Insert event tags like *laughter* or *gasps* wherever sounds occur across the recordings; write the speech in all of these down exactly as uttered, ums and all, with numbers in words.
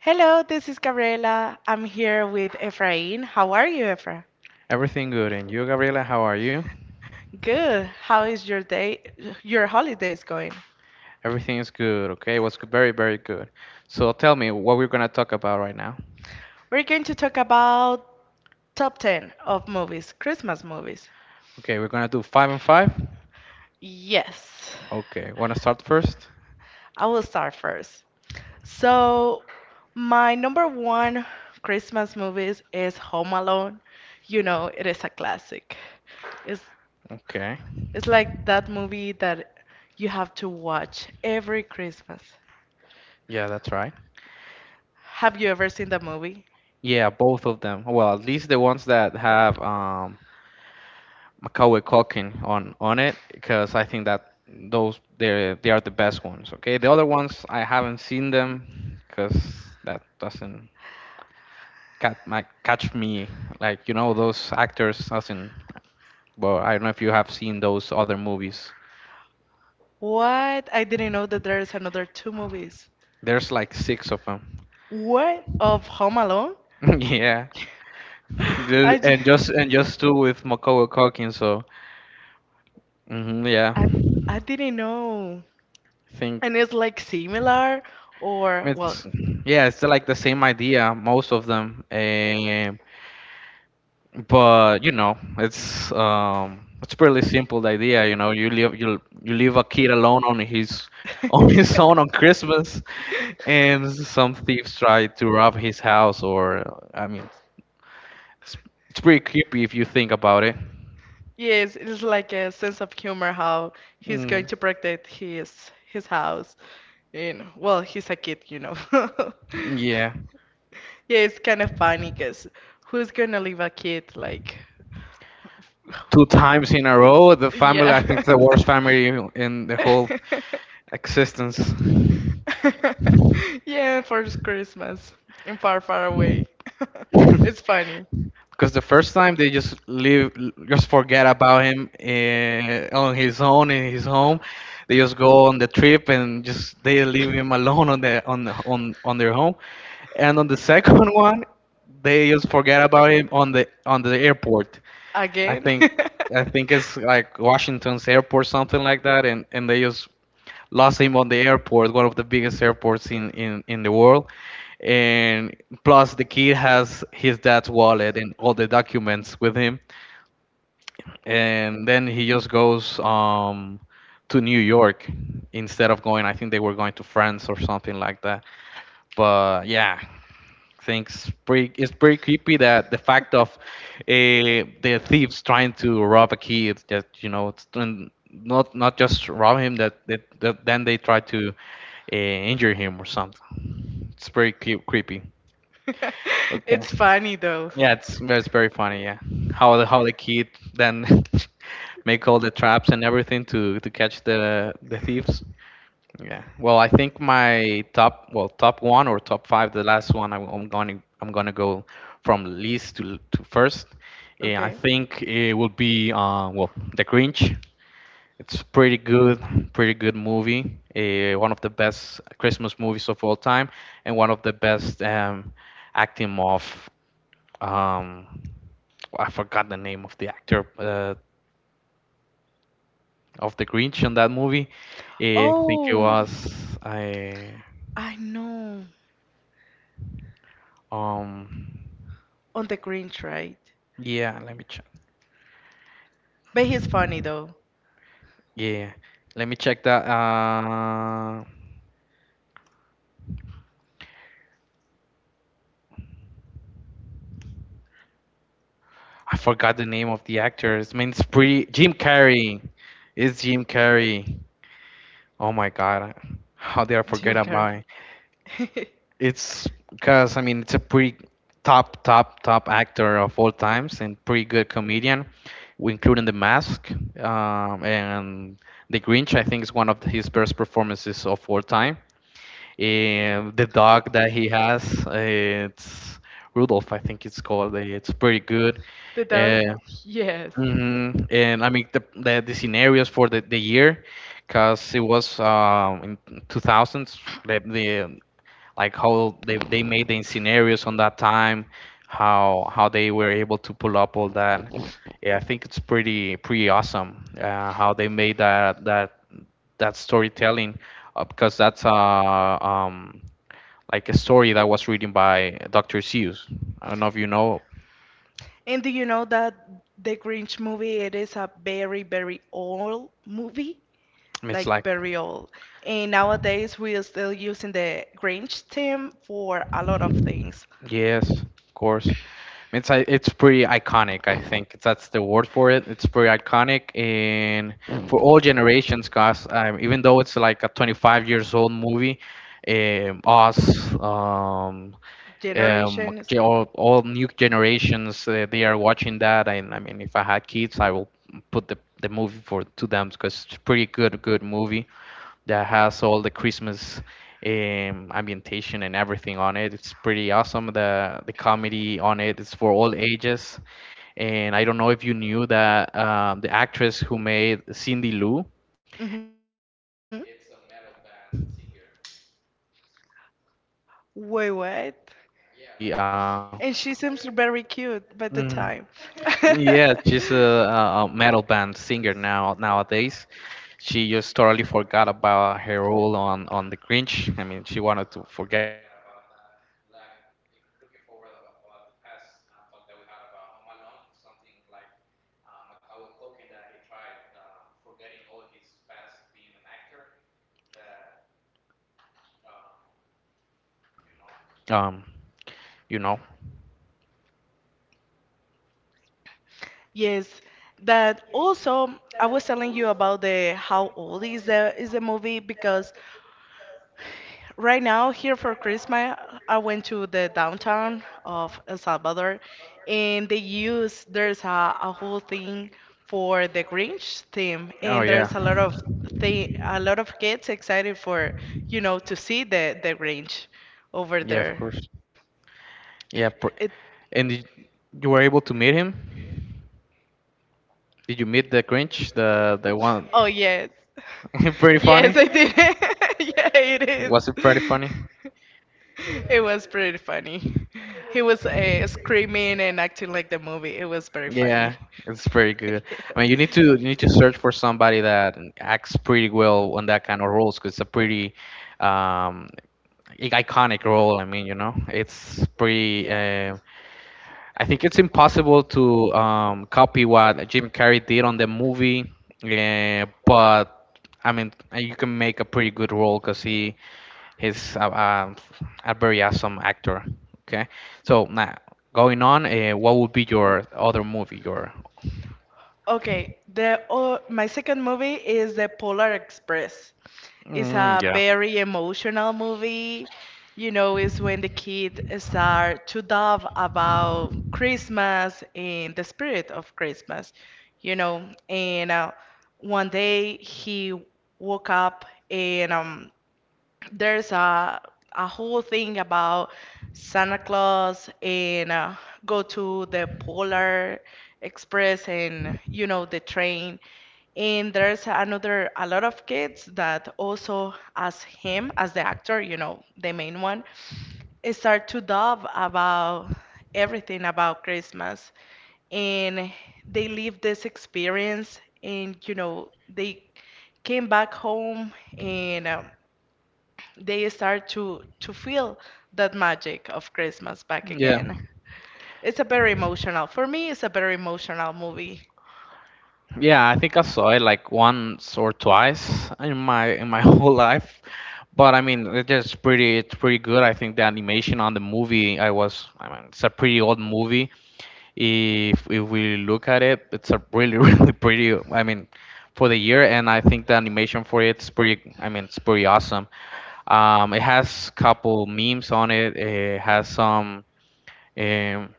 Hello, this is Gabriela. I'm here with Efrain. How are you, Efra? Everything good. And you, Gabriela, how are you? Good. How is your day, your holidays going? Everything is good, okay? What's good? Very, very good. So tell me what we're gonna talk about right now. We're going to talk about top ten of movies, Christmas movies. Okay, we're gonna do five and five. Yes, Okay, wanna start first? I will start first. So, my number one Christmas movies is Home Alone. You know, it is a classic. It's Okay. it's like that movie that you have to watch every Christmas. Yeah, that's right. Have you ever seen the movie? Yeah, both of them. Well, at least the ones that have um Macaulay Culkin on on it, because I think that those they they are the best ones. Okay, the other ones I haven't seen them, because that doesn't catch my catch me like you know those actors doesn't. But I don't know if you have seen those other movies. What? I didn't know that there's another two movies. There's like six of them. What? Of Home Alone? *laughs* Yeah, *gasps* Ju- I, ju- and just and just two with Macaulay Culkin. So hmm yeah, I, I I didn't know. think And it's like similar or, well. it's yeah, it's like the same idea. Most of them. Eh, but you know it's um it's pretty simple, the idea. You know, you leave you you leave a kid alone on his *laughs* on his own on *laughs* Christmas, and some thieves try to rob his house. Or I mean it's, it's pretty creepy if you think about it. Yes, it is like a sense of humor how he's mm, going to protect his his house. You know, well, he's a kid, you know. *laughs* yeah, Yeah, it's kind of funny because who's gonna leave a kid like? *laughs* two times in a row the family, Yeah. I think the worst family in the whole *laughs* existence. Yeah, for Christmas and far, far away. *laughs* It's funny. Because the first time they just leave, just forget about him, uh, on his own in his home. They just go on the trip and just they leave him alone on the on on on their home. And on the second *laughs* one, they just forget about him on the on the airport. I Again? *laughs* think I think it's like Washington's airport, something like that, and and they just lost him on the airport, one of the biggest airports in in in the world. And plus, the kid has his dad's wallet and all the documents with him. And then he just goes um to New York instead of going. I think they were going to France or something like that. But yeah, things pretty it's pretty creepy, that the fact of uh, the thieves trying to rob a kid that, you know, it's, and not not just rob him, that, that, that then they try to uh, injure him or something. It's pretty cre- creepy, okay. It's funny though. Yeah, it's it's very funny, yeah, how the how the kid then *laughs* make all the traps and everything to to catch the the thieves, yeah. Well, I think my top, well, top one or top five, the last one, I'm, I'm going to I'm going to go from least to to first. Yeah, I Okay. think it will be uh, well, The Grinch. It's pretty good, pretty good movie. Uh, one of the best Christmas movies of all time, and one of the best um, acting of um, I forgot the name of the actor uh, of The Grinch in that movie. Eh, I think it Oh, was I I know. um. On the Grinch, right? Yeah, let me check. But he's funny though. Yeah, let me check that. Uh, I forgot the name of the actors. I mean, it's pretty. Jim Carrey. It's Jim Carrey. Oh my God, how did I Jim forget Carrey. about it? *laughs* It's because, I mean, it's a pretty top, top, top actor of all times and pretty good comedian, w- including The Mask um, and The Grinch. I think is one of his best performances of all time. And the dog that he has, uh, it's Rudolph, I think it's called. Uh, It's pretty good. The dog? Uh, Yes. mhm. And I mean the, the the scenarios for the, the year, cause it was um, in two thousands. The, the like how they, they made the scenarios on that time, how how they were able to pull up all that. Yeah, I think it's pretty pretty awesome uh, how they made that that that storytelling, uh, because that's uh, um, like a story that was written by doctor Seuss. I don't know if you know. And do you know that the Grinch movie, it is a very, very old movie? It's Like like very old. And nowadays we are still using the Grinch theme for a lot of things. Yes, of course. It's i- it's pretty iconic. I think that's the word for it. It's pretty iconic and for all generations, guys. Um, even though it's like a twenty-five years old movie, um, us, um, um, ge- Generations. all, all new generations, uh, they are watching that. And I mean, if I had kids, I will put the the movie for to them because it's pretty good, good movie, that has all the Christmas um, ambientation and everything on it. It's pretty awesome. The the comedy on it is for all ages. And I don't know if you knew that um, the actress who made Cindy Lou, hmm it's a metal band singer. Wait, what? Uh, yeah, like she. And she Uh, seems very cute by the time. mhm. *laughs* Yeah, she's a, a a metal band singer now nowadays. She just totally forgot about her role on on The Grinch. I mean, she wanted to forget about that. Like, if looking forward about, about the past uh, talk that we had about Home Alone, something like uh, Macaulay Culkin that he tried um, forgetting all his past being an actor. That um, you know. Yes, that also I was telling you about the how old is the is the movie because right now, here for Christmas, I went to the downtown of El Salvador, and they use there's a, a whole thing for the Grinch theme, Oh yeah. and there's a lot of thing, a lot of kids excited for, you know, to see the the Grinch Yeah, over of there. course. Yeah, It, pr and did, you were able to meet him? Did you meet the Grinch, the the oh one? yes, *laughs* Pretty yes, I funny. did. *laughs* Yeah, it Was it is. pretty funny? *laughs* It was pretty funny. He was uh, screaming and acting like the movie. It was very funny. Yeah, it's pretty good. *laughs* I mean, you need to you need to search for somebody that acts pretty well on that kind of roles because it's a pretty um, i- iconic role. I mean, you know, it's pretty. Yeah. Uh, I think it's impossible to um, copy what Jim Carrey did on the movie, eh, but I mean uh, you can make a pretty good role because he he's a, a, a very awesome actor. Okay, so now going on, uh, what would be your other movie? Your Okay, the oh, my second movie is The Polar Express. It's mm, a yeah. very emotional movie. You know, it's when the kids start to love about Christmas and the spirit of Christmas, you know. And uh, one day he woke up and um, there's a a whole thing about Santa Claus and uh, go to the Polar Express and you know the train. And there's another a lot of kids that also as him as the actor, you know, the main one, eh, start to dub about everything about Christmas and they live this experience and you know they came back home and um, they start to to feel that magic of Christmas back Yeah, again. It's a very emotional. For me, it's a very emotional movie. yeah, I think I saw it like once or twice in my in my *laughs* whole life. But I mean, it's just pretty. It's pretty good. I think the animation on the movie. I was. I mean, it's a pretty old movie. If if we look at it, it's a really *laughs* really pretty. I mean, for the year, and I think the animation for it's pretty. I mean, it's pretty awesome. Um, it has couple memes on it. It has some. um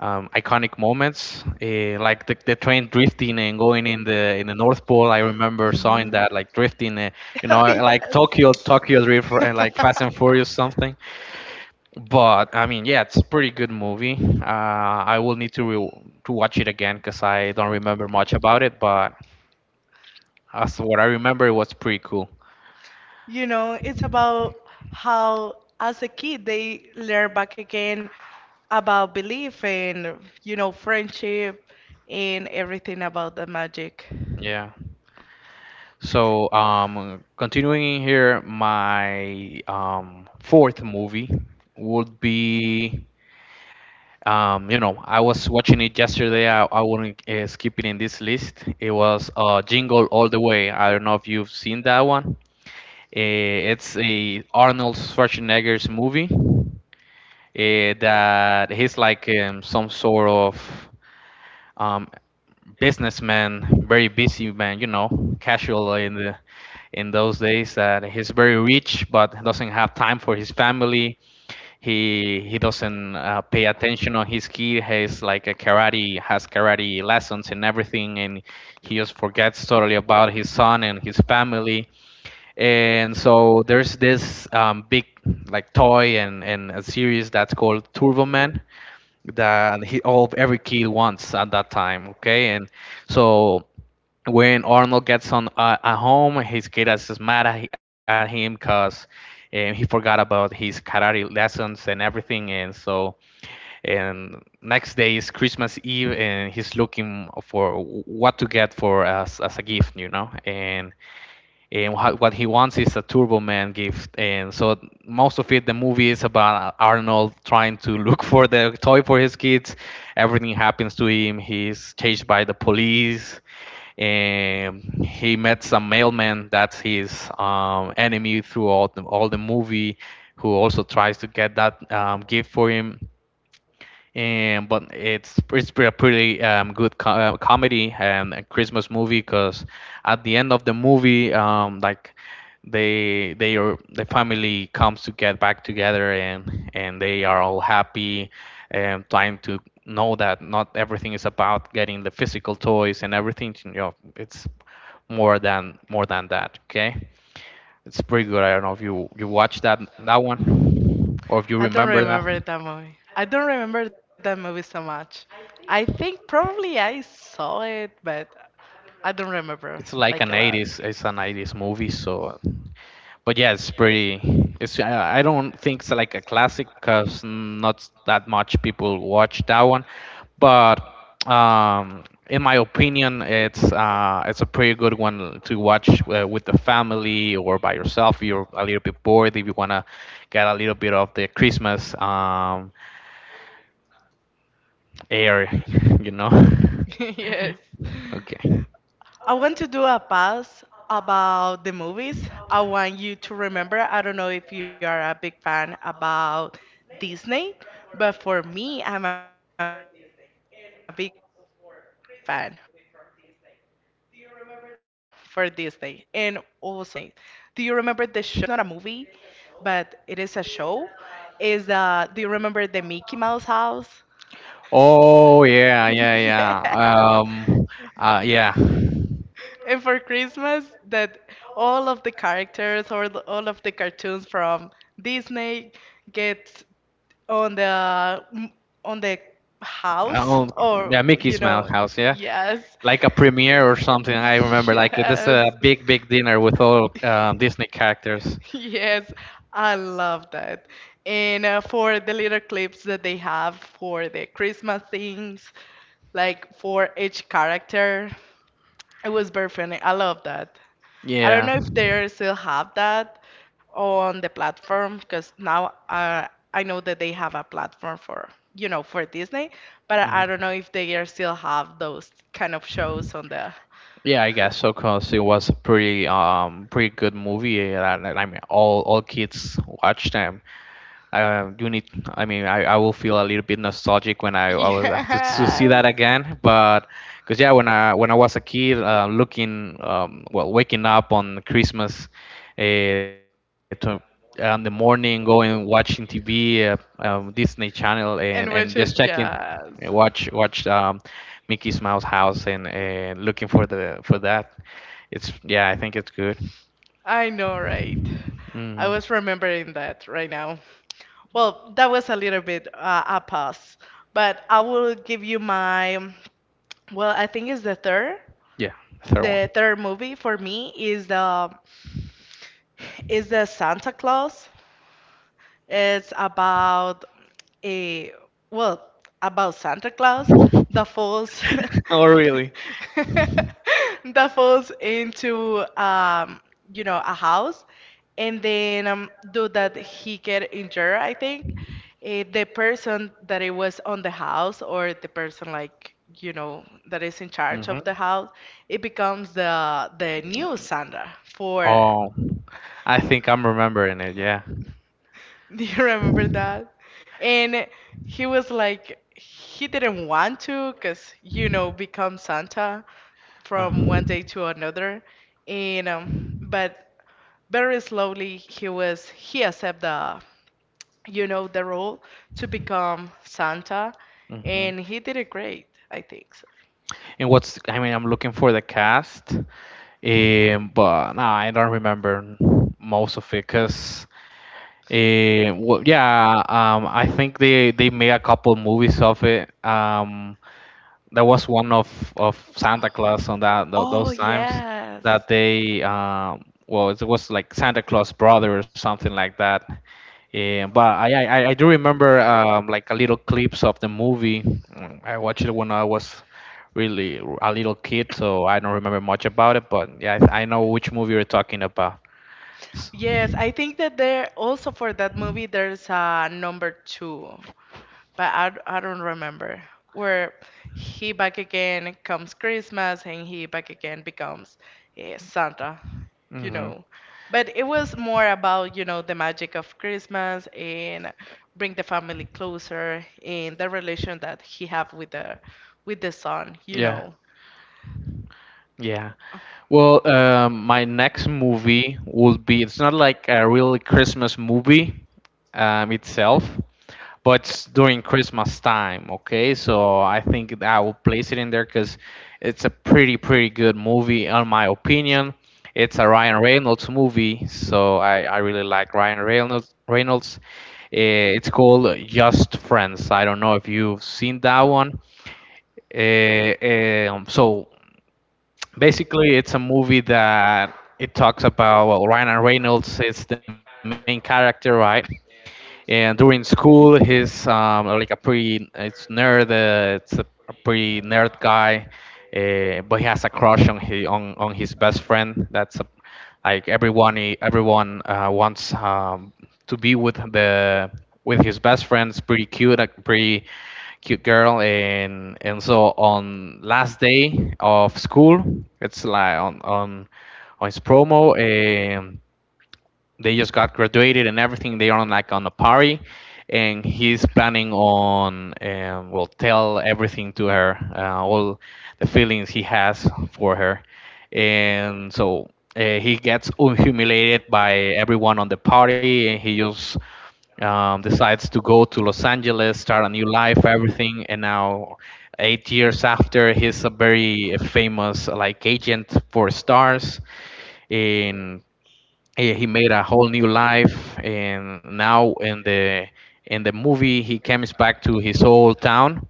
um, Iconic moments, eh, like the, the train drifting and going in the in the North Pole. I remember seeing Mhm. that, *laughs* like drifting, uh, you Oh, know, like yes. Tokyo Tokyo Drift, uh, like Fast and *laughs* Furious something. But I mean, yeah, it's a pretty good movie. Uh, I will need to re- to watch it again because I don't remember much about it. But as to what I remember, it was pretty cool. You know, it's about how, as a kid, they learn back again about belief and, you know, friendship and everything about the magic. Yeah. So, um, continuing here, my um, fourth movie would be Um, you know, I was watching it yesterday. I, I wouldn't uh, skip it in this list. It was uh, Jingle All the Way. I don't know if you've seen that one. Eh, it's a Arnold Schwarzenegger's movie, uh, that he's like um, some sort of um, businessman, very busy man, you know, casual in the in those days. That he's very rich but doesn't have time for his family. he he doesn't uh, pay attention on his kid, has like a karate, has karate lessons and everything, and he just forgets totally about his son and his family. And so there's this um, big like toy and, and a series that's called Turbo Man, that he all every kid wants at that time, okay. And so when Arnold gets on uh, at home, his kid is mad at, at him because um, he forgot about his karate lessons and everything. And so, and next day is Christmas Eve, and he's looking for what to get for us as as a gift, you know. And and what he wants is a Turbo Man gift. And so most of it, the movie is about Arnold trying to look for the toy for his kids. Everything happens to him. He's chased by the police, and he met some mailman that's his um, enemy throughout the, all the movie, who also tries to get that um, gift for him. And but it's it's a pretty um, good co- uh, comedy and a Christmas movie because at the end of the movie, um, like, they they are the family comes to get back together and and they are all happy and trying to know that not everything is about getting the physical toys and everything, you know, it's more than more than that. Okay, it's pretty good. I don't know if you you watched that that one or if you I don't remember that. remember that movie. I don't remember that movie so much. I think probably I saw it, but I don't remember It's like a like an lot. *laughs* eighties. It's an eighties movie. So, but yeah, it's pretty. It's I I don't think it's like a classic because not that much people watch that one, but um, in my opinion, it's uh, it's a pretty good one to watch uh, with the family or by yourself. If you're a little bit bored, if you wanna get a little bit of the Christmas um, air. *laughs* you know *laughs* Yes. Okay. I want to do a pass about the movies. I want you to remember, I don't know if you are a big fan about Disney, but for me, I'm a big fan for Disney and also for Christmas movie from Disney. Do you remember the show? It's, it's not a movie, but it is a show. Is uh, do you remember the Mickey Mouse house? Oh yeah, yeah, *laughs* yeah. Um, Yes. uh, yeah. And for Christmas, that all of the characters or the, all of the cartoons from Disney get on the m- on the house Oh, or yeah, you Mickey's Mouse know, House. Yeah, yes. like a premiere or something. I *laughs* remember, like this Yes. a big, big dinner with all uh, Disney characters. Yes, I love that. And uh, for the little clips that they have for the Christmas things, like for each character, it was very funny. I love that. I don't Yeah. know if they still have that on the platform because now uh, I know that they have a platform for, you know, for Disney, but I I Mhm. don't know if they are still have those kind of shows on the. *laughs* Yeah, I guess so, cause it was a pretty, um, pretty good movie. uh, That, that, I mean, all all kids watched them. I uh, do need. I mean, I, I will feel a little bit nostalgic when I, I was to, to see that Yes. again. But because yeah, when I when I was a kid, uh, looking um, well, waking up on Christmas, uh, to, on the morning, going watching T V, uh, um, Disney Channel, and And and which, just checking, yes. uh, watch watch um, Mickey's Mouse House, and and looking for the for that. It's yeah, I think it's good. I know, right? I Hmm. was remembering that right now. Well, that was a little bit uh, a pause, but I will give you my. Well, I think it's the third. Yeah, third The one. third movie for me is the is the Santa Claus. It's about Eh, well, about Santa Claus that *laughs* falls Oh, really? *laughs* that falls into um, you know, a house and then um, do that he get injured, I think. Eh, the person that it was on the house or the person like you know that is in charge Hmm. of the house, it becomes the the new Santa for Oh, I think I'm remembering it. Yeah. *laughs* Do you remember that? And he was like, he didn't want to, because, you know, become Santa from one Hmm. day to another. And, um, but very slowly he was, he accepted the, you know, the role to become Santa. And And he did it great, I think so. what's, I mean, I'm looking for the cast, um, but no, I don't remember most of it because, yeah, um, I think they, they made a couple movies of it. Um, that was one of of Santa Claus on that tho- Oh, those times yes. that they um well it was like Santa Claus brother or something like that. Yeah, but I I, I I do remember um like a little clips of the movie. Mm, I watched it when I was really r- a little kid, so I don't remember much about it. But yeah, I, I know which movie you're talking about. Yes, I think that there also for that movie there's a number two, but I, d- I don't remember where he back again comes Christmas and he back again becomes eh, Santa, you Hmm. know. But it was more about, you know, the magic of Christmas and bring the family closer and the relation that he have with the with the son, you Yeah. know. Yeah. Well, um, my next movie will be, it's not like a real Christmas movie um, itself, but it's during Christmas time, okay? So I think I will place it in there because it's a pretty, pretty good movie, in my opinion. It's a Ryan Reynolds movie, so I, I really like Ryan Reynolds. Reynolds. Eh, It's called Just Friends. I don't know if you've seen that one. Eh, eh, um, so basically, it's a movie that it talks about well, Ryan Reynolds is the main character, right? And during school he's um, like a pretty it's nerd uh, it's a a pretty nerd guy, uh, but he has a crush on his on, on his best friend that's a, like everyone he- everyone uh, wants um, to be with the with his best friend, it's pretty cute, a pretty cute girl. and and so on last day of school, it's like on on on his promo and they just got graduated and everything. They are on like on a party, and he's planning on um, will tell everything to her, uh, all the feelings he has for her, and so uh, he gets humiliated by everyone on the party, and he just um, decides to go to Los Angeles, start a new life, everything, and now eight years after, he's a very famous like agent for stars, and Eh, he made a whole new life. And now in the in the movie he comes back to his old town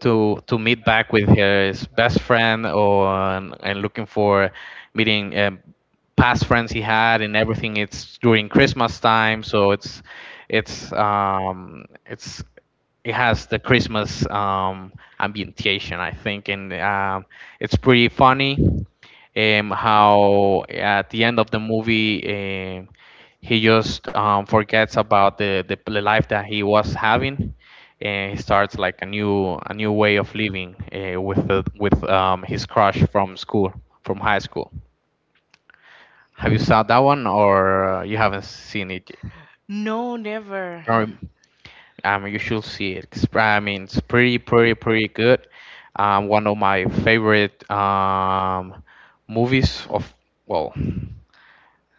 to to meet back with his best friend or and, and looking for meeting um, past friends he had and everything. It's during Christmas time, so it's it's um, it's it has the Christmas um, ambientation, I think, and um, it's pretty funny um, how at the end of the movie um he just um, forgets about the, the the life that he was having, and he starts like a new a new way of living, uh, with the, with um, his crush from school, from high school. Have you saw that one or uh, you haven't seen it? No, never. Um, um, you should see it. 'Cause, I mean, it's pretty pretty pretty good. Um, one of my favorite um, movies of well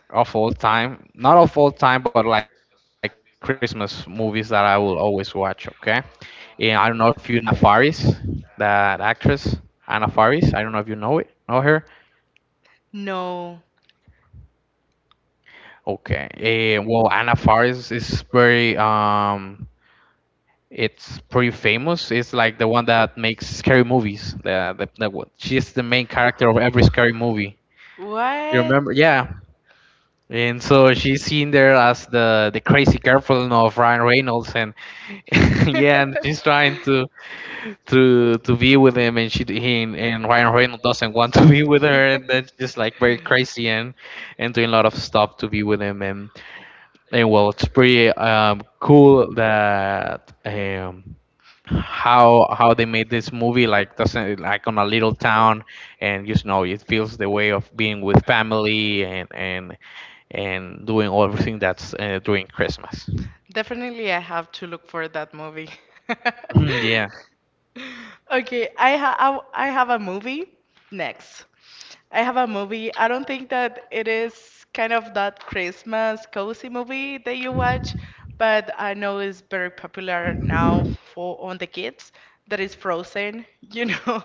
of all time, not of all time, but like Christmas movies that I will always watch. Okay, and I don't know if you know uh, Anna Faris, that actress Anna Faris. I don't know if you know it, know her. No. Okay, eh, well Anna Faris is very um, it's pretty famous. It's like the one that makes scary movies. The the, the one- she's the main character of every scary movie. You What? remember? Yeah. And so she's seen there as the the crazy girlfriend of Ryan Reynolds, and *laughs* yeah, and she's trying to *laughs* *laughs* to to be with him, and she he and and Ryan Reynolds doesn't want to *laughs* be with her, and that's just *laughs* like very crazy, and and doing a lot of stuff to be with him, and and well, it's pretty um cool that um how how they made this movie like doesn't like on a little town, and just know it feels the way of being with family and and and doing everything that's uh, during Christmas. And definitely, I have to look for that movie. *laughs* Mhm, *laughs* yeah. Okay, I ha I, w- I have a movie next, I have a movie. I don't think that it is kind of that Christmas cozy movie that you watch, but I know it's very popular now for on the kids. That is Frozen, you know.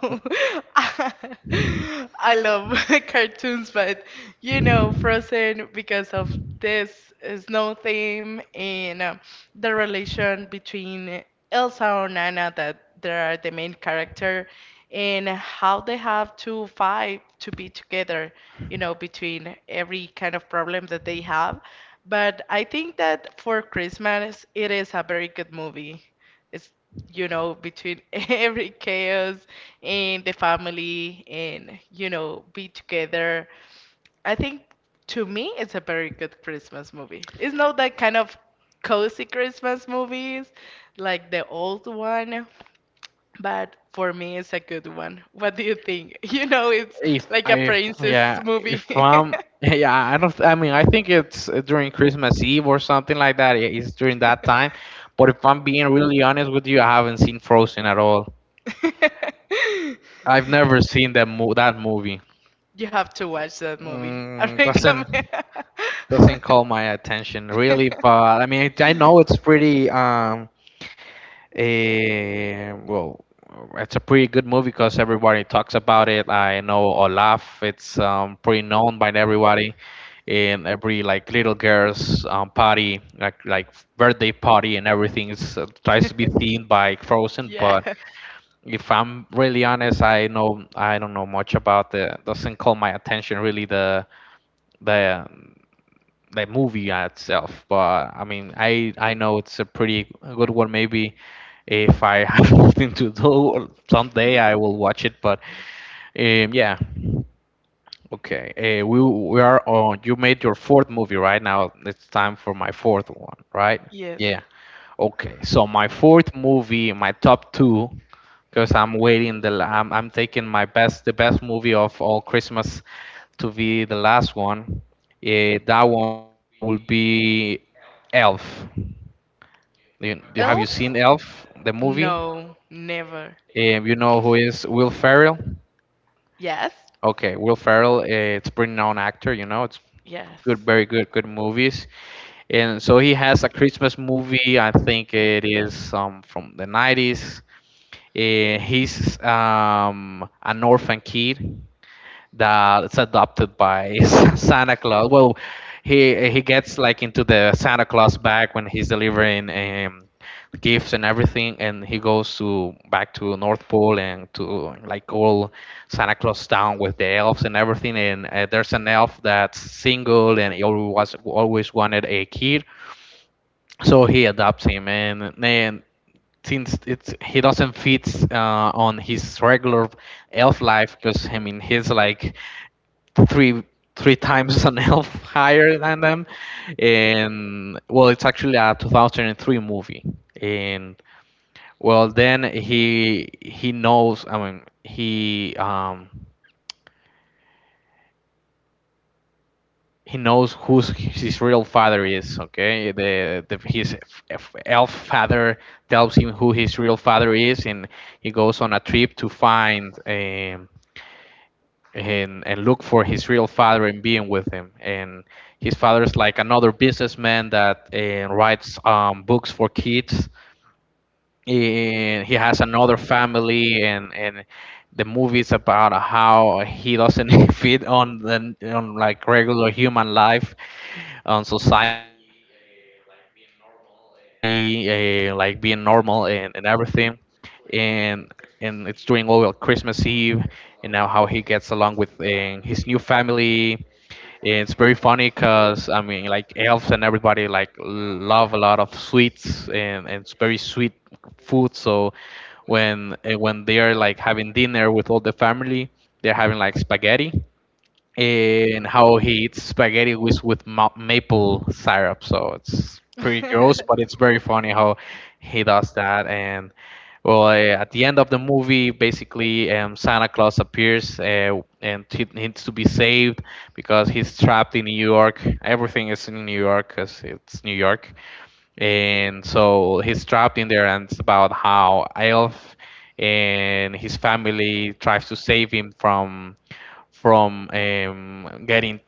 *laughs* I love *laughs* cartoons, but you know, Frozen because of this snow theme and uh, the relation between Elsa or Nana that that are the main character and how they have to fight to be together, you know, between every kind of problem that they have. But I think that for Christmas, it is a very good movie. It's, you know, between *laughs* every chaos and the family and, you know, be together. I think to me, it's a very good Christmas movie. It's not that kind of cozy Christmas movies like the old one, but for me, it's a good one. What do you think? *laughs* You know, it's if like a I princess Yeah, if movie. I'm *laughs* *laughs* yeah I don't, I mean I think it's uh, during Christmas Eve or something like that, yeah, it's during that time, but if I'm being really honest with you, I haven't seen Frozen at all. I've never seen that mo- that movie. You have to watch that movie. I Mm, doesn't recommend. doesn't call my attention really, *laughs* but I mean I, I know it's pretty um Eh, well, it's a pretty good movie because everybody talks about it. I know Olaf; it's um, pretty known by everybody in every like little girls um, party, like like birthday party and everything. It's, uh, tries to be themed by Frozen, Yeah. but if I'm really honest, I know I don't know much about the doesn't call my attention really the the the movie itself. But I mean, I I know it's a pretty good one. Maybe if I *laughs* have nothing to do someday, I will watch it. But um, yeah, okay. Uh, we we are on. You made your fourth movie right now. It's time for my fourth one, right? Yes. Yeah. Okay. So my fourth movie, my top two. Because I'm waiting the, la- I'm, I'm taking my best, the best movie of all Christmas to be the last one. Eh, that one will be Elf. You, do- have you seen Elf? Elf, the movie? No, never. Um, you know who is Will Ferrell? Yes. Okay, Will Ferrell, uh, it's a pretty known actor, you know, it's good, Yes. very good, good movies. And so he has a Christmas movie, I think it is um, from the nineties. Uh, he's um, an orphan kid, that it's adopted by *laughs* Santa Claus. Well, he he gets like into the Santa Claus bag when he's delivering um, gifts and everything, and he goes to back to North Pole and to like all Santa Claus town with the elves and everything. And uh, there's an elf that's single and he always always wanted a kid, so he adopts him. And then since it's he doesn't fit uh, on his regular elf life because I mean he's like three three times an elf *laughs* higher than them, and well it's actually a two thousand three movie. And well then he he knows, I mean he um he knows who's his real father is, okay, the, the his f- elf father tells him who his real father is, and he goes on a trip to find um and and look for his real father and being with him. And his father is like another businessman that uh, writes um, books for kids, and he has another family and and the movie's about how he doesn't *laughs* fit on the on like regular human life, on society, uh, like being normal and, and everything. and and it's during all uh, christmas eve, and now how he gets along with um, his new family. It's very funny because I mean, like elves and everybody like love a lot of sweets, and, and it's very sweet food. So when eh, when they are like having dinner with all the family, they're having like spaghetti, and how he eats spaghetti with with ma- maple syrup. So it's pretty gross, *laughs* but it's very funny how he does that. And well, uh, at the end of the movie, basically, um, Santa Claus appears, uh, and he needs to be saved because he's trapped in New York. Everything is in New York because it's New York, and so he's trapped in there, and it's about how elf and his family tries to save him from from um, getting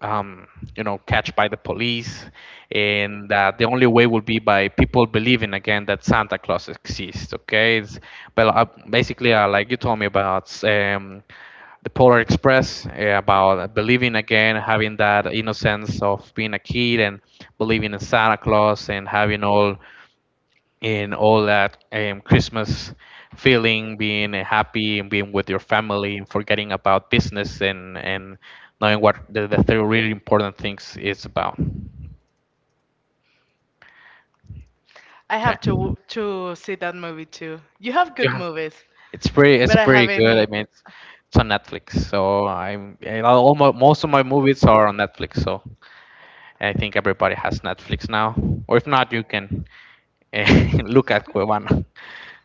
um, you know catched by the police, and that the only way will be by people believing again that santa claus exists, okay, it's but uh, basically uh, like you told me about um, the Polar Express, eh, about believing again, having that innocence of being a kid and believing in Santa Claus and having all in all that um, Christmas feeling, being happy and being with your family and forgetting about business and and knowing what the, the three really important things is about. I Okay, have to to see that movie too. You have good yeah, movies, it's pretty it's but I pretty haven't. good. I He- mean, it's, it's on Netflix, so I'm and all my, most of my movies are on Netflix, so. I think everybody has Netflix now, or if not, you can eh, *laughs* look at Cuevana.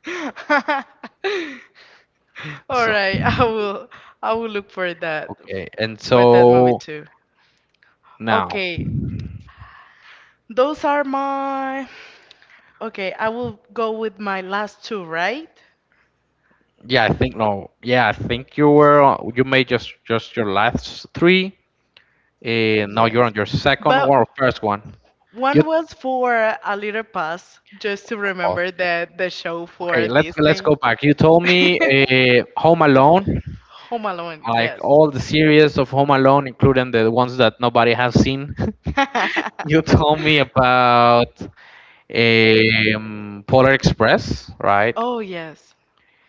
*laughs* All So right, I will I will look for that okay, and for that movie so too. now, Okay, those are my. Okay, I will go with my last two, right? yeah, I think no, yeah, I think you were you made just just your last three. Uh, now you're Yes. on your second But one or first one. You one was for A Little Pass, just to pause. remember that the show for Okay, let's let's Disney. go back. You told *laughs* me uh, Home Alone, Home Alone, like yes. all the series of Home Alone, including the ones that nobody has seen. *laughs* You *laughs* told me about um, Polar Express, right? Oh, yes.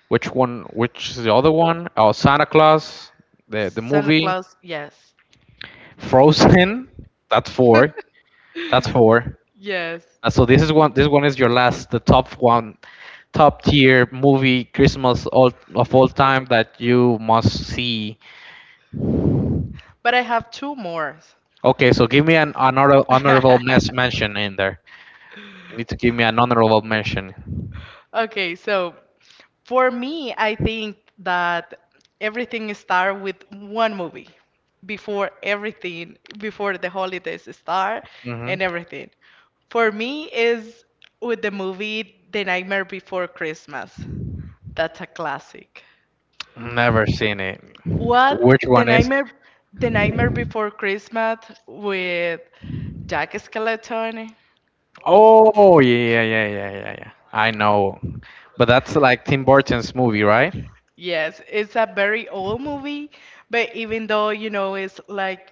Which one? Which is the other one? Oh, Santa Claus, the the Santa movie, Claus, yes. Frozen. That's four. That's four. Yes. Uh, so this is one. This one is your last, the top one, top tier movie Christmas all of all time that you must see. But I have two more. Okay, so give me an honor honorable *laughs* mes- mention in there. You need to give me an honorable mention. Okay, so for me, I think that everything start with one movie before everything, before the holidays start hmm and everything. For me is with the movie The Nightmare Before Christmas. That's a classic. Never seen it. What Which The one is? Nightmare The Nightmare Before Christmas with Jack Skeleton? Oh yeah, yeah, yeah, yeah, yeah, yeah. I know, but that's like Tim Burton's movie, right? Yes, it's a very old movie, but even though, you know, it's like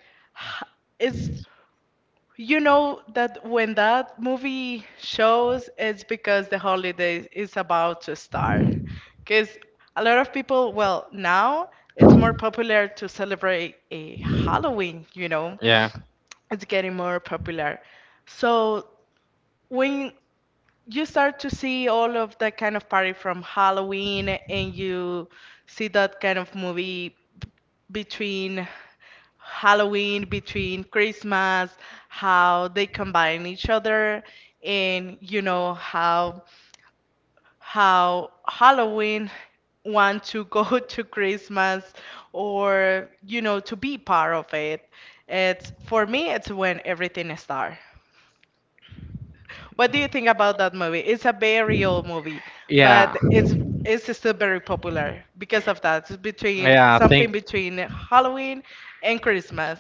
*sighs* it's you know that when that movie shows, it's because the holiday is about to start. Because a lot of people, well, now it's more popular to celebrate a Halloween, you know, Yeah, it's getting more popular. So when you start to see all of that kind of party from Halloween and you see that kind of movie between Halloween, between Christmas, how they combine each other, and you know how how Halloween want to go *laughs* to Christmas or you know to be part of it. It's for me, it's when everything starts. What do you think about that movie? It's a very old movie, yeah, but it's it's still very popular because of that. It's between yeah. I think something between Halloween and Christmas.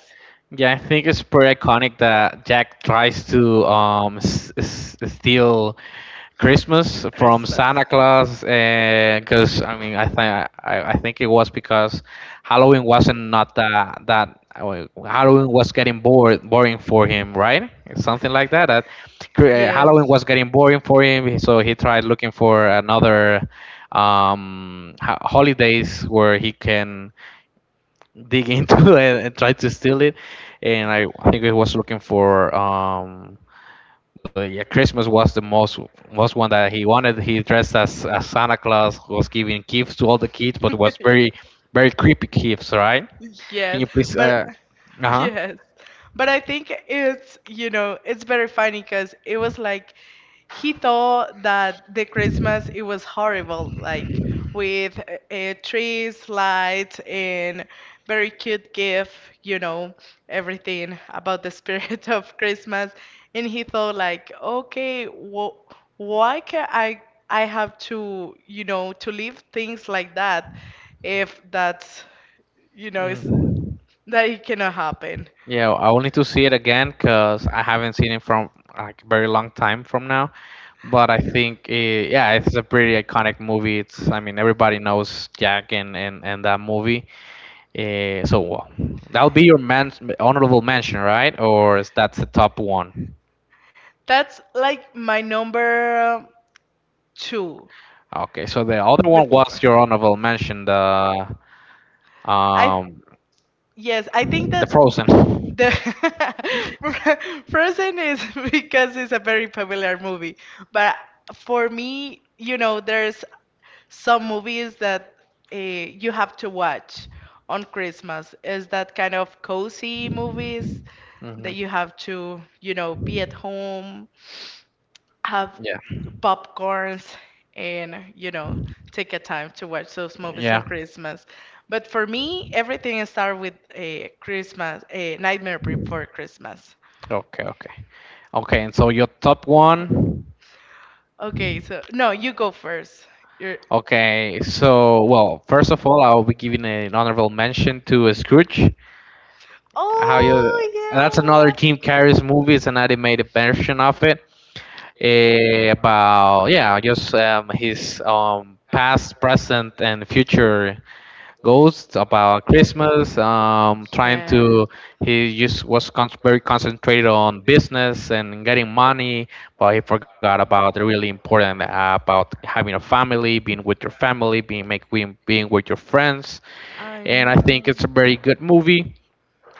yeah, I think it's pretty iconic that Jack tries to um s- s- steal Christmas from Christmas. Santa Claus, because I mean, I think I, I think it was because Halloween wasn't not that that uh, Halloween was getting bored boring for him, right? Something like that. That cr- uh, Halloween Yes. was getting boring for him, so he tried looking for another um, ho- holidays where he can dig into *laughs* it and try to steal it. And I, I think he was looking for um, but yeah, Christmas was the most most one that he wanted. He dressed as, as Santa Claus, was giving gifts to all the kids, but was very very *laughs* creepy gifts, right? Can Yes, you please? but Uh huh. yes, but I think it's you know it's very funny because it was like he thought that the Christmas it was horrible, like with uh, trees, lights, and very cute gift, you know, everything about the spirit *laughs* of Christmas. And he thought like, okay, wh why can I I have to, you know, to leave things like that if that's, you know, is Mm. that it cannot happen. Yeah, I will need to see it again because I haven't seen it from like very long time from now. But I think it, yeah, it's a pretty iconic movie. It's, I mean, everybody knows Jack and and, and that movie. Uh, so well, that'll be your man honorable mention, right? Or is that's the top one? That's like my number two. Okay, so the other one Before was your honorable mention, the I um, Yes, I think the that Frozen. the *laughs* Frozen is *laughs* because it's a very popular movie. But for me, you know, there's some movies that uh, you have to watch on Christmas. Is that kind of cozy movies that Mhm. you have to, you know, be at home have Yeah. popcorns and, you know, take a time to watch those movies on Yeah. Christmas. But for me, everything starts with a Christmas, a Nightmare Before Christmas. Okay, okay. Okay, and so your top one. Okay, so no, you go first. You're Okay, so well, first of all, I will be giving an honorable mention to Scrooge. How you, Oh that's another yeah. Jim Carrey's movie. It's an animated version of it, eh, about yeah just um, his um, past, present and future goals about Christmas, um, trying Yeah. to, he just was con- very concentrated on business and getting money, but he forgot about the really important, uh, about having a family, being with your family, being, make, being being with your friends. I And I know. think it's a very good movie,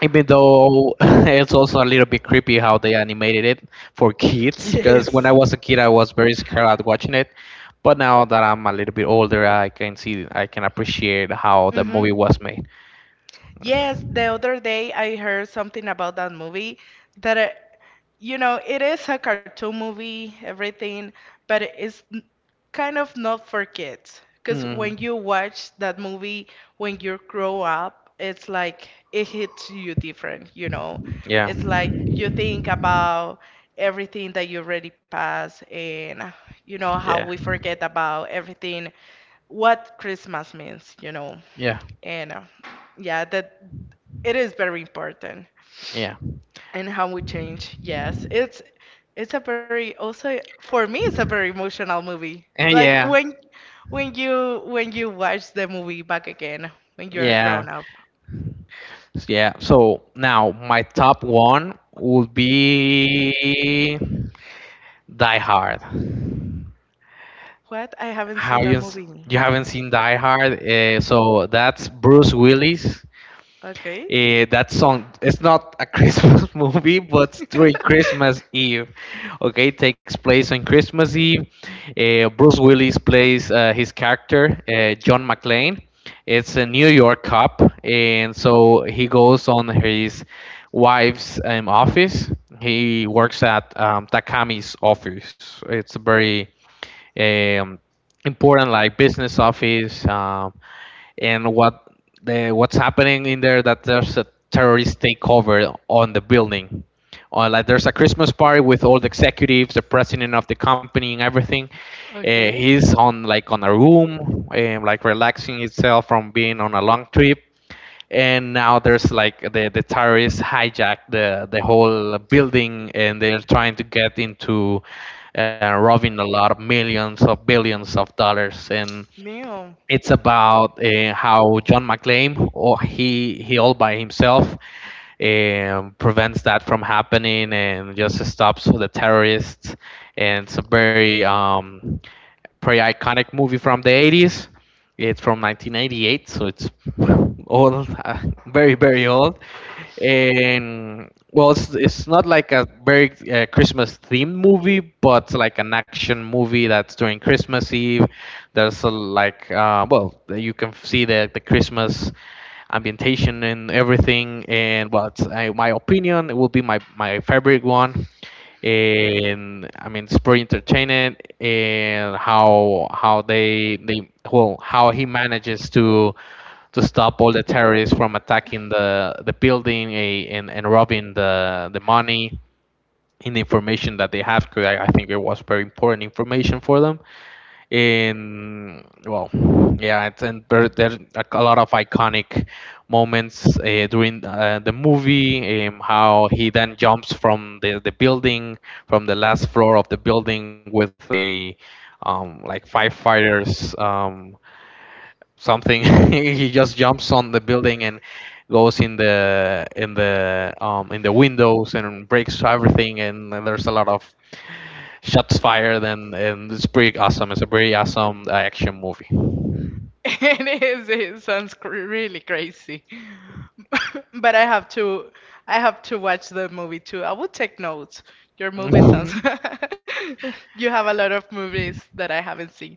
even though *laughs* it's also a little bit creepy how they animated it for kids, because when I Yes. was a kid I was very scared at watching it, but now that I'm a little bit older I can see, I can appreciate how the Hmm. movie was made. Yes, the other day I heard something about that movie that, uh, you know, it is a cartoon movie, everything, but it's kind of not for kids, because mm, when you watch that movie, when you grow up, it's like it hits you different, you know. yeah, It's like you think about everything that you already passed, and you know how yeah, we forget about everything, what Christmas means, you know. yeah, And uh, yeah, that, it is very important. yeah, And how we change, yes. It's it's a very, also for me it's a very emotional movie *laughs* and like yeah, when when you when you watch the movie back again when you're yeah, grown up. yeah, so now my top one would be Die Hard. What? I haven't seen How that you, movie. you haven't seen Die Hard? Uh, so that's Bruce Willis. Okay. Uh, that song, it's not a *laughs* Christmas movie, but during *laughs* Christmas Eve. Okay, it takes place on Christmas Eve. Uh, Bruce Willis plays uh, his character, uh, John McClane. It's a New York cop, and so he goes on his wife's um, office. He works at um, Takami's office. It's a very um, important, like, business office, um, and what the what's happening in there, that there's a terrorist takeover on the building. Or like there's a Christmas party with all the executives, the president of the company, and everything. uh, Okay. He's on, like, on a room, um, like relaxing himself from being on a long trip, and now there's like the, the terrorists hijacked the, the whole building, and they're trying to get into, uh, robbing a lot of millions of billions of dollars. And Damn. it's about uh, how John McClane, or he he all by himself, um, prevents that from happening and just stops the terrorists. And it's a very um, pretty iconic movie from the eighties. It's from nineteen eighty-eight, so it's *laughs* old, uh, very, very old. And well, it's, it's not like a very uh, Christmas themed movie, but like an action movie that's during Christmas Eve. There's a, like, uh, well, you can see the, the Christmas ambientation and everything. And well, it's, I, my opinion, it will be my, my favorite one. And I mean, it's pretty entertaining, and how how they they well how he manages to to stop all the terrorists from attacking the the building, eh, and and robbing the the money and the information that they have, because I, I think it was very important information for them. In well Yeah, it's, and there, there are a lot of iconic moments uh, during uh, the movie, um, how he then jumps from the, the building, from the last floor of the building with a um, like firefighters um, something. *laughs* He just jumps on the building and goes in the in the um in the windows and breaks everything, and there's a lot of shots fired, and and it's pretty awesome. It's a pretty awesome uh, action movie. *laughs* It is, it sounds cr really crazy. *laughs* But I have to I have to watch the movie too. I will take notes. Your movie sounds Mhm. *laughs* you have a lot of movies that I haven't seen.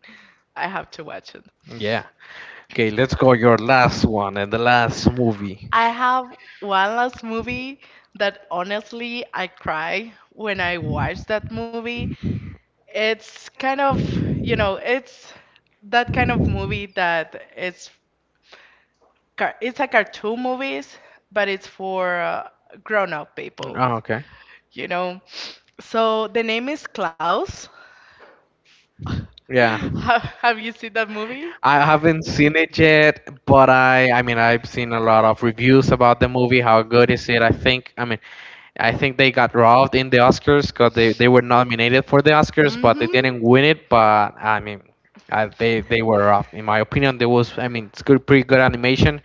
I have to watch it. *laughs* Yeah, okay, let's go your last one and the last movie. I have one last movie that honestly I cry when I watch that movie. It's kind of, you know, it's that kind of movie that it's car- it's a cartoon movies, but it's for uh, grown-up people, Oh, okay. you know. So the name is Klaus. Yeah, *laughs* Have, have you seen that movie? I haven't seen it yet, but I I mean, I've seen a lot of reviews about the movie, how good is it. i think i mean I think they got robbed in the Oscars because they, they were nominated for the Oscars, but Mhm. they didn't win it. But I mean, uh they they were robbed. In my opinion, there was, I mean, it's good, pretty good animation.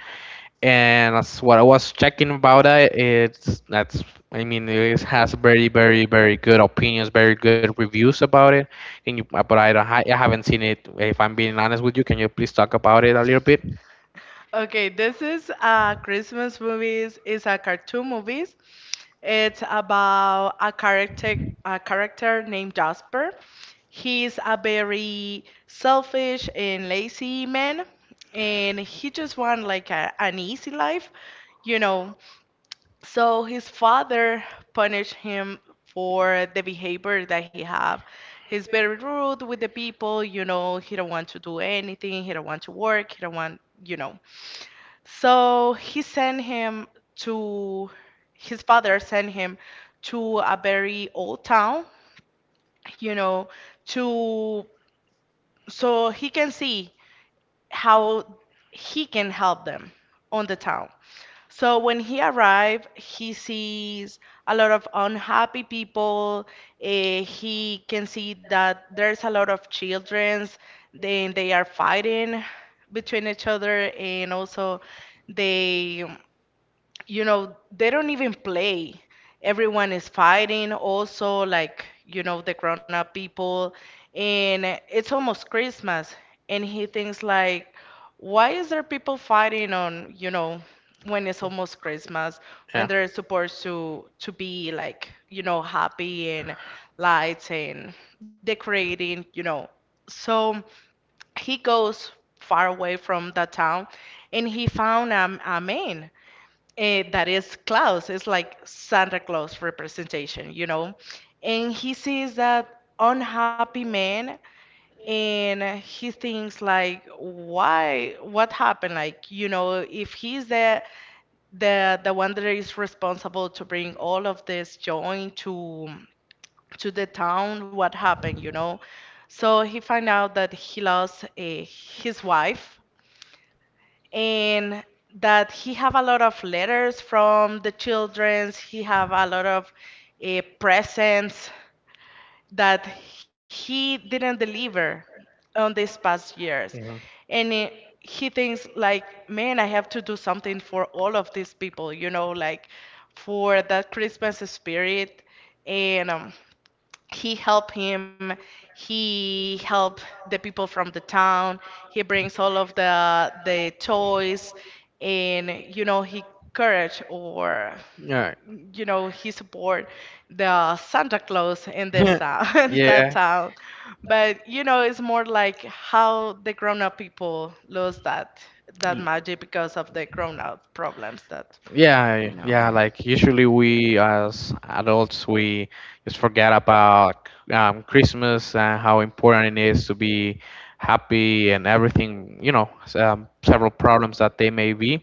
And that's what I was checking about it. It's that's I mean, it has very very very good opinions, very good reviews about it. And you, but I don't, I haven't seen it. If I'm being honest with you, can you please talk about it a little bit? Okay, this is a Christmas movies. It's a cartoon movies. It's about a character a character named Jasper. He's a very selfish and lazy man, and he just want like a, an easy life, you know. So his father punished him for the behavior that he have. He's very rude with the people, you know. He don't want to do anything. He don't want to work. He don't want, you know. So he sent him to, his father sent him to a very old town, you know, to, so he can see how he can help them on the town. So when he arrived, he sees a lot of unhappy people. Eh, he can see that there's a lot of children, then they are fighting between each other, and also they, you know, they don't even play. Everyone is fighting also, like, you know, the grown up people, and it's almost Christmas. And he thinks like, why is there people fighting on, you know, when it's almost Christmas, when Yeah. they're supposed to to be like, you know, happy and lights and decorating, you know. So he goes far away from that town and he found a, a man eh, that is Klaus. It's like Santa Claus representation, you know? And he sees that unhappy man and he thinks like, why, what happened, like, you know, if he's the the the one that is responsible to bring all of this joy to to the town, what happened, you know. So he find out that he lost eh, his wife, and that he have a lot of letters from the childrens. He have a lot of uh, presents that he didn't deliver on these past years. And it, he thinks like, man, I have to do something for all of these people, you know, like for that Christmas spirit. And um, He help him, he help the people from the town. He brings all of the the toys, and you know, he courage or, Yeah. you know, he support the Santa Claus in this *laughs* town *laughs* in that Yeah. town. But you know, it's more like how the grown-up people lose that that magic because of the grown-up problems that, Yeah, you know. yeah, like, usually we as adults we just forget about um, Christmas and how important it is to be happy and everything, you know, s- um, several problems that they may be.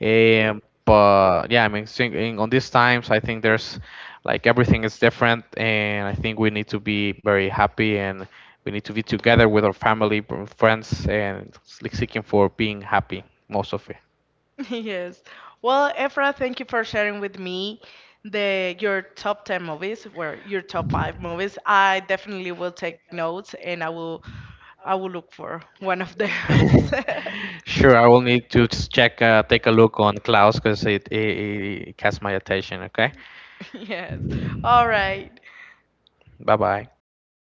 Um, but yeah, I mean, sing- in, on these times, I think there's like everything is different, and I think we need to be very happy, and we need to be together with our family, friends, and s- like seeking for being happy most of it. *laughs* Yes. Well, Efra, thank you for sharing with me the your top ten movies, or your top five movies. I definitely will take notes and I will I will look for one of them. *laughs* *laughs* Sure, I will need to just check, uh, take a look on Klaus because it, it, it catches my attention. Okay, Yes. All right. bye bye. Bye bye.